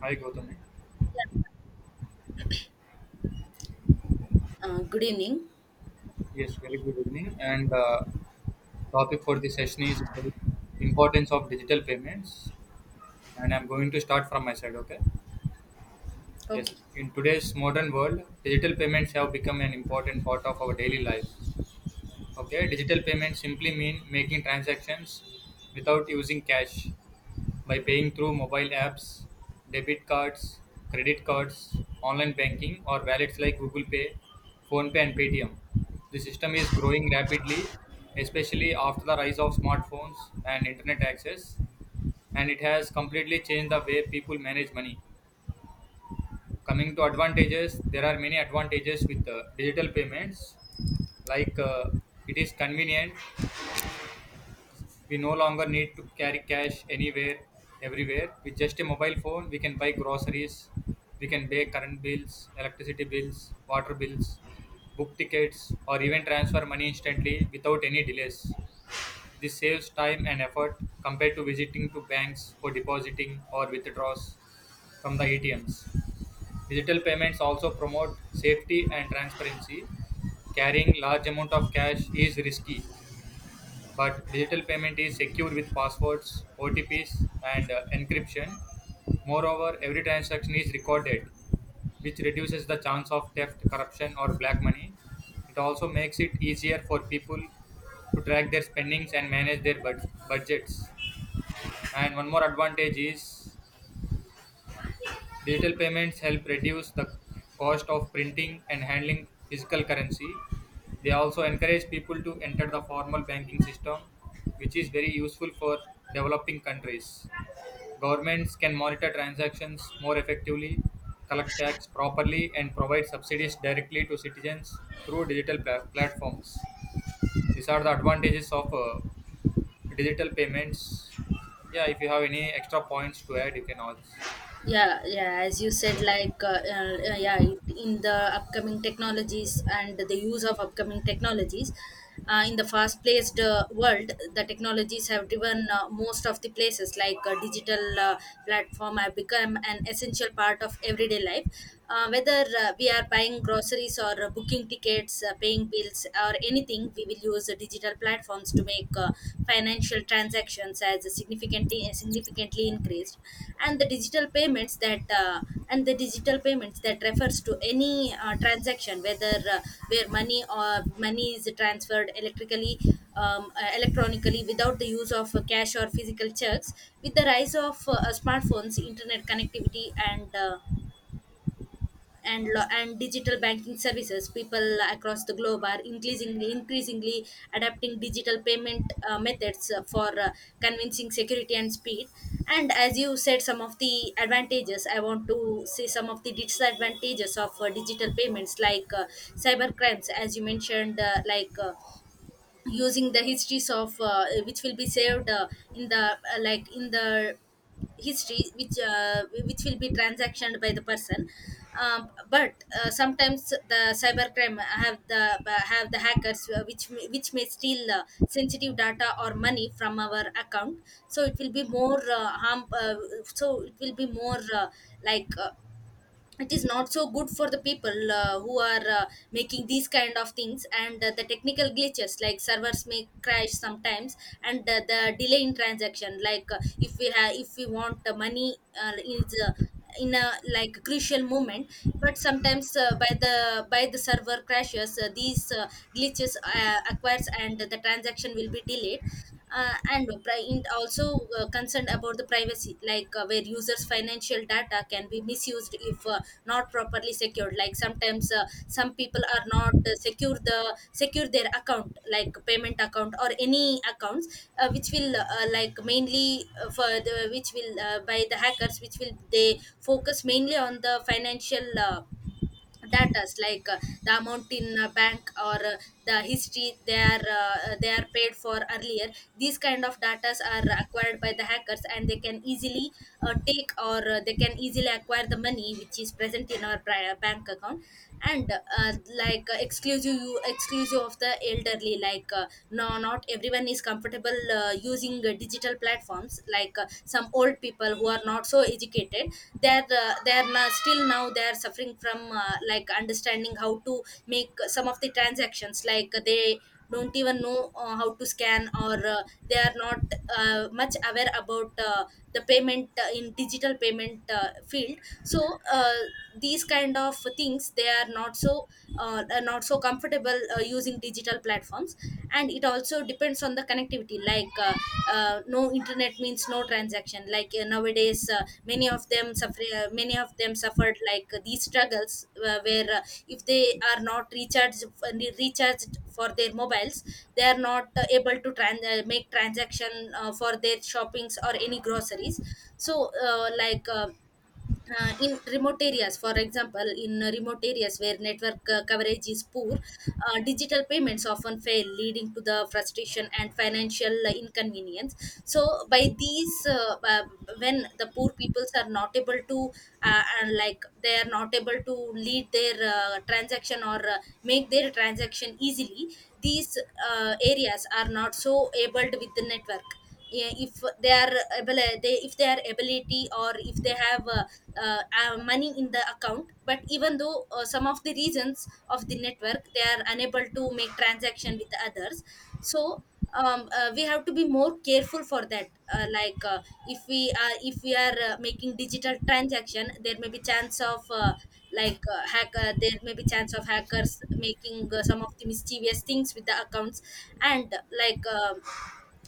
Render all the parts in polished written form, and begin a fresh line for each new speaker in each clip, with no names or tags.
Hi Gautami.
Good evening.
Yes, very good evening. And topic for this session is about importance of digital payments. And I'm going to start from my side. Okay. Yes.
Okay.
In today's modern world, digital payments have become an important part of our daily life. Okay, digital payments simply mean making transactions without using cash by paying through mobile apps, debit cards, credit cards, online banking, or wallets like Google Pay, PhonePe, and Paytm. The system is growing rapidly, especially after the rise of smartphones and internet access, and it has completely changed the way people manage money. Coming to advantages, there are many advantages with digital payments, like uh, it is convenient. We no longer need to carry cash anywhere, everywhere. With just a mobile phone, we can buy groceries, we can pay current bills, electricity bills, water bills, book tickets, or even transfer money instantly without any delays. This saves time and effort compared to visiting to banks for depositing or withdrawals from the ATMs. Digital payments also promote safety and transparency. Carrying large amount of cash is risky, but digital payment is secure with passwords, OTPs, and encryption. Moreover, every transaction is recorded, which reduces the chance of theft, corruption, or black money. It also makes it easier for people to track their spendings and manage their budgets. And one more advantage is, digital payments help reduce the cost of printing and handling physical currency. They also encourage people to enter the formal banking system, which is very useful for developing countries. Governments can monitor transactions more effectively, collect tax properly, and provide subsidies directly to citizens through digital platforms. These are the advantages of digital payments. Yeah, if you have any extra points to add, you can also.
Yeah, yeah. As you said,
Yeah.
like, yeah, it, in the upcoming technologies and the use of upcoming technologies, in the fast-paced world, the technologies have driven most of the places. Digital platform have become an essential part of everyday life. Whether we are buying groceries or booking tickets, paying bills, or anything, we will use digital platforms to make financial transactions, as significantly increased. And the digital payments that uh, and the digital payments that refers to any transaction, whether where money is transferred electrically electronically without the use of cash or physical checks. With the rise of smartphones, internet connectivity, and digital banking services, people across the globe are increasingly adapting digital payment methods for convincing, security, and speed. And as you said some of the advantages, I want to see some of the disadvantages of digital payments, like cyber crimes, as you mentioned. Using the histories of which will be saved in the history which will be transactioned by the person. But sometimes the cybercrime have the hackers which may steal sensitive data or money from our account, so it will be more harm so it will be more like It is not so good for the people who are making these kind of things. And the technical glitches, like servers may crash sometimes and the delay in transaction, like if we want the money is in a like crucial moment, but sometimes by the server crashes, these glitches occurs and the transaction will be delayed. Also concerned about the privacy, like where users financial data can be misused if not properly secured. Like sometimes some people are not secure their account, like payment account or any accounts which will like mainly for the which will by the hackers which will they focus mainly on the financial datas, like the amount in a bank or the history they are paid for earlier. These kind of datas are acquired by the hackers and they can easily take or they can easily acquire the money which is present in our bank account. And like Exclusive of the elderly, like, no, not everyone is comfortable using digital platforms. Like some old people who are not so educated, they're still now they're suffering from like understanding how to make some of the transactions. Like they don't even know how to scan or they are not much aware about the payment in digital payment field. So these kind of things, they are not so comfortable using digital platforms. And it also depends on the connectivity, like, no internet means no transaction. Like nowadays many of them suffered like these struggles, where, if they are not recharged for their mobiles, they are not make transaction for their shoppings or any groceries. So in remote areas, for example, in remote areas where network coverage is poor, digital payments often fail, leading to the frustration and financial inconvenience. So by these, when the poor peoples are not able to and like they are not able to lead their transaction or make their transaction easily, these areas are not so able with the network. Yeah, if they are able, they if they are ability or if they have money in the account, but even though some of the reasons of the network, they are unable to make transaction with others. So we have to be more careful for that, uh, like uh, if we are making digital transaction. There may be chance of like hack there may be chance of hackers making some of the mischievous things with the accounts. And like, um,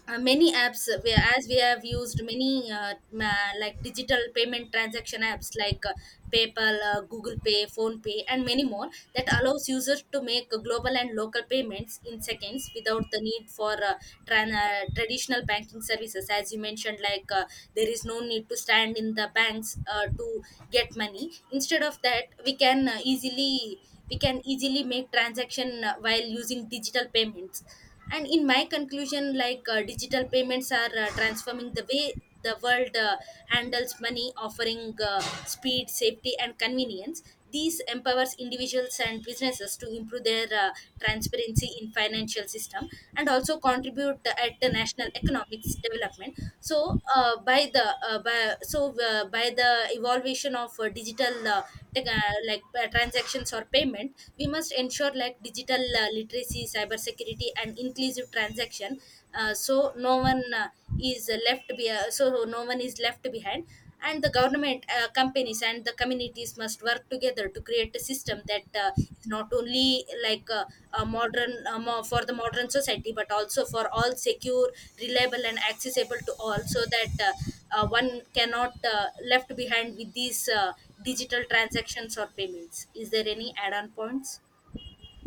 uh, many apps, as we have used many like digital payment transaction apps like PayPal, Google Pay, phone pay and many more, that allows users to make global and local payments in seconds without the need for traditional banking services. As you mentioned, like there is no need to stand in the banks to get money. Instead of that, we can easily make transaction while using digital payments. And in my conclusion, like digital payments are transforming the way the world handles money, offering speed, safety, and convenience. These empowers individuals and businesses to improve their transparency in financial system and also contribute at the national economics development. So by the evolution of digital tech, like transactions or payment, we must ensure like digital literacy, cybersecurity, and inclusive transaction. So no one is left be- So no one is left behind. And the government, companies, and the communities must work together to create a system that is not only a modern for the modern society, but also for all secure, reliable, and accessible to all, so that one cannot left behind with these digital transactions or payments. Is there any add-on points?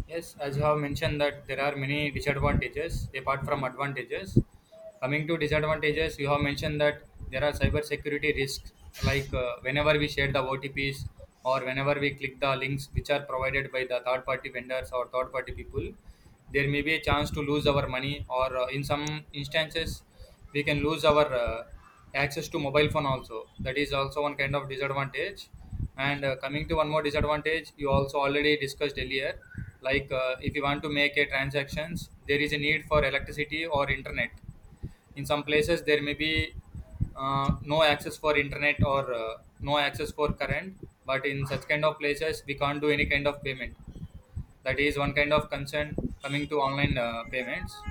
Yes, as you have mentioned that there are many disadvantages apart from advantages. Coming to disadvantages, you have mentioned that there are cybersecurity risks, whenever we share the OTPs or whenever we click the links which are provided by the third party vendors or third party people, there may be a chance to lose our money, or in some instances, we can lose our access to mobile phone also. That is also one kind of disadvantage. And coming to one more disadvantage, you also already discussed earlier, if you want to make a transactions, there is a need for electricity or internet. In some places there may be no access for internet or no access for current, but in such kind of places we can't do any kind of payment. That is one kind of concern. Coming to online payments,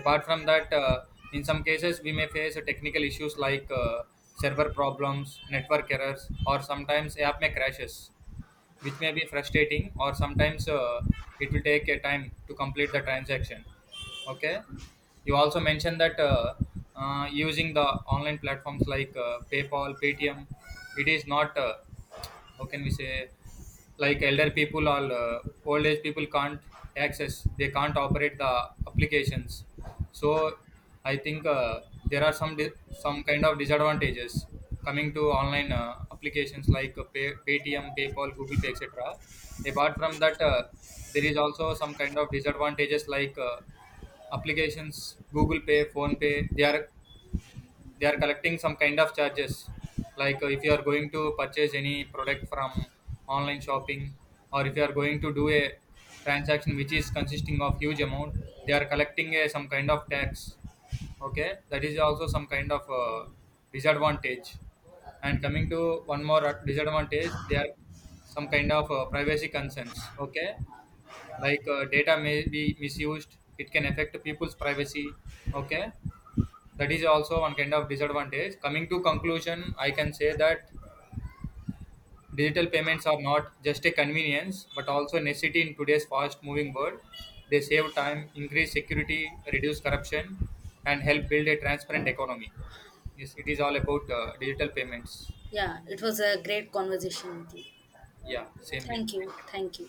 apart from that, in some cases we may face technical issues like server problems, network errors, or sometimes app may crashes, which may be frustrating, or sometimes it will take a time to complete the transaction. Okay, you also mentioned that using the online platforms like PayPal, Paytm, it is not how can we say, like, elder people or old age people can't access, they can't operate the applications. So I think there are some some kind of disadvantages coming to online applications like Paytm, PayPal, Google Pay, etc. Apart from that, there is also some kind of disadvantages like applications Google Pay, phone pay they are, they are collecting some kind of charges. If you are going to purchase any product from online shopping, or if you are going to do a transaction which is consisting of huge amount, they are collecting a, some kind of tax. Okay, that is also some kind of disadvantage. And coming to one more disadvantage, they are some kind of privacy concerns. Okay, data may be misused, it can affect people's privacy. Okay, that is also one kind of disadvantage. Coming to conclusion, I can say that digital payments are not just a convenience but also a necessity in today's fast moving world. They save time, increase security, reduce corruption, and help build a transparent economy. Yes, it is all about digital payments.
Yeah, it was a great conversation with you.
Yeah, same here.
Thank you. Thank you.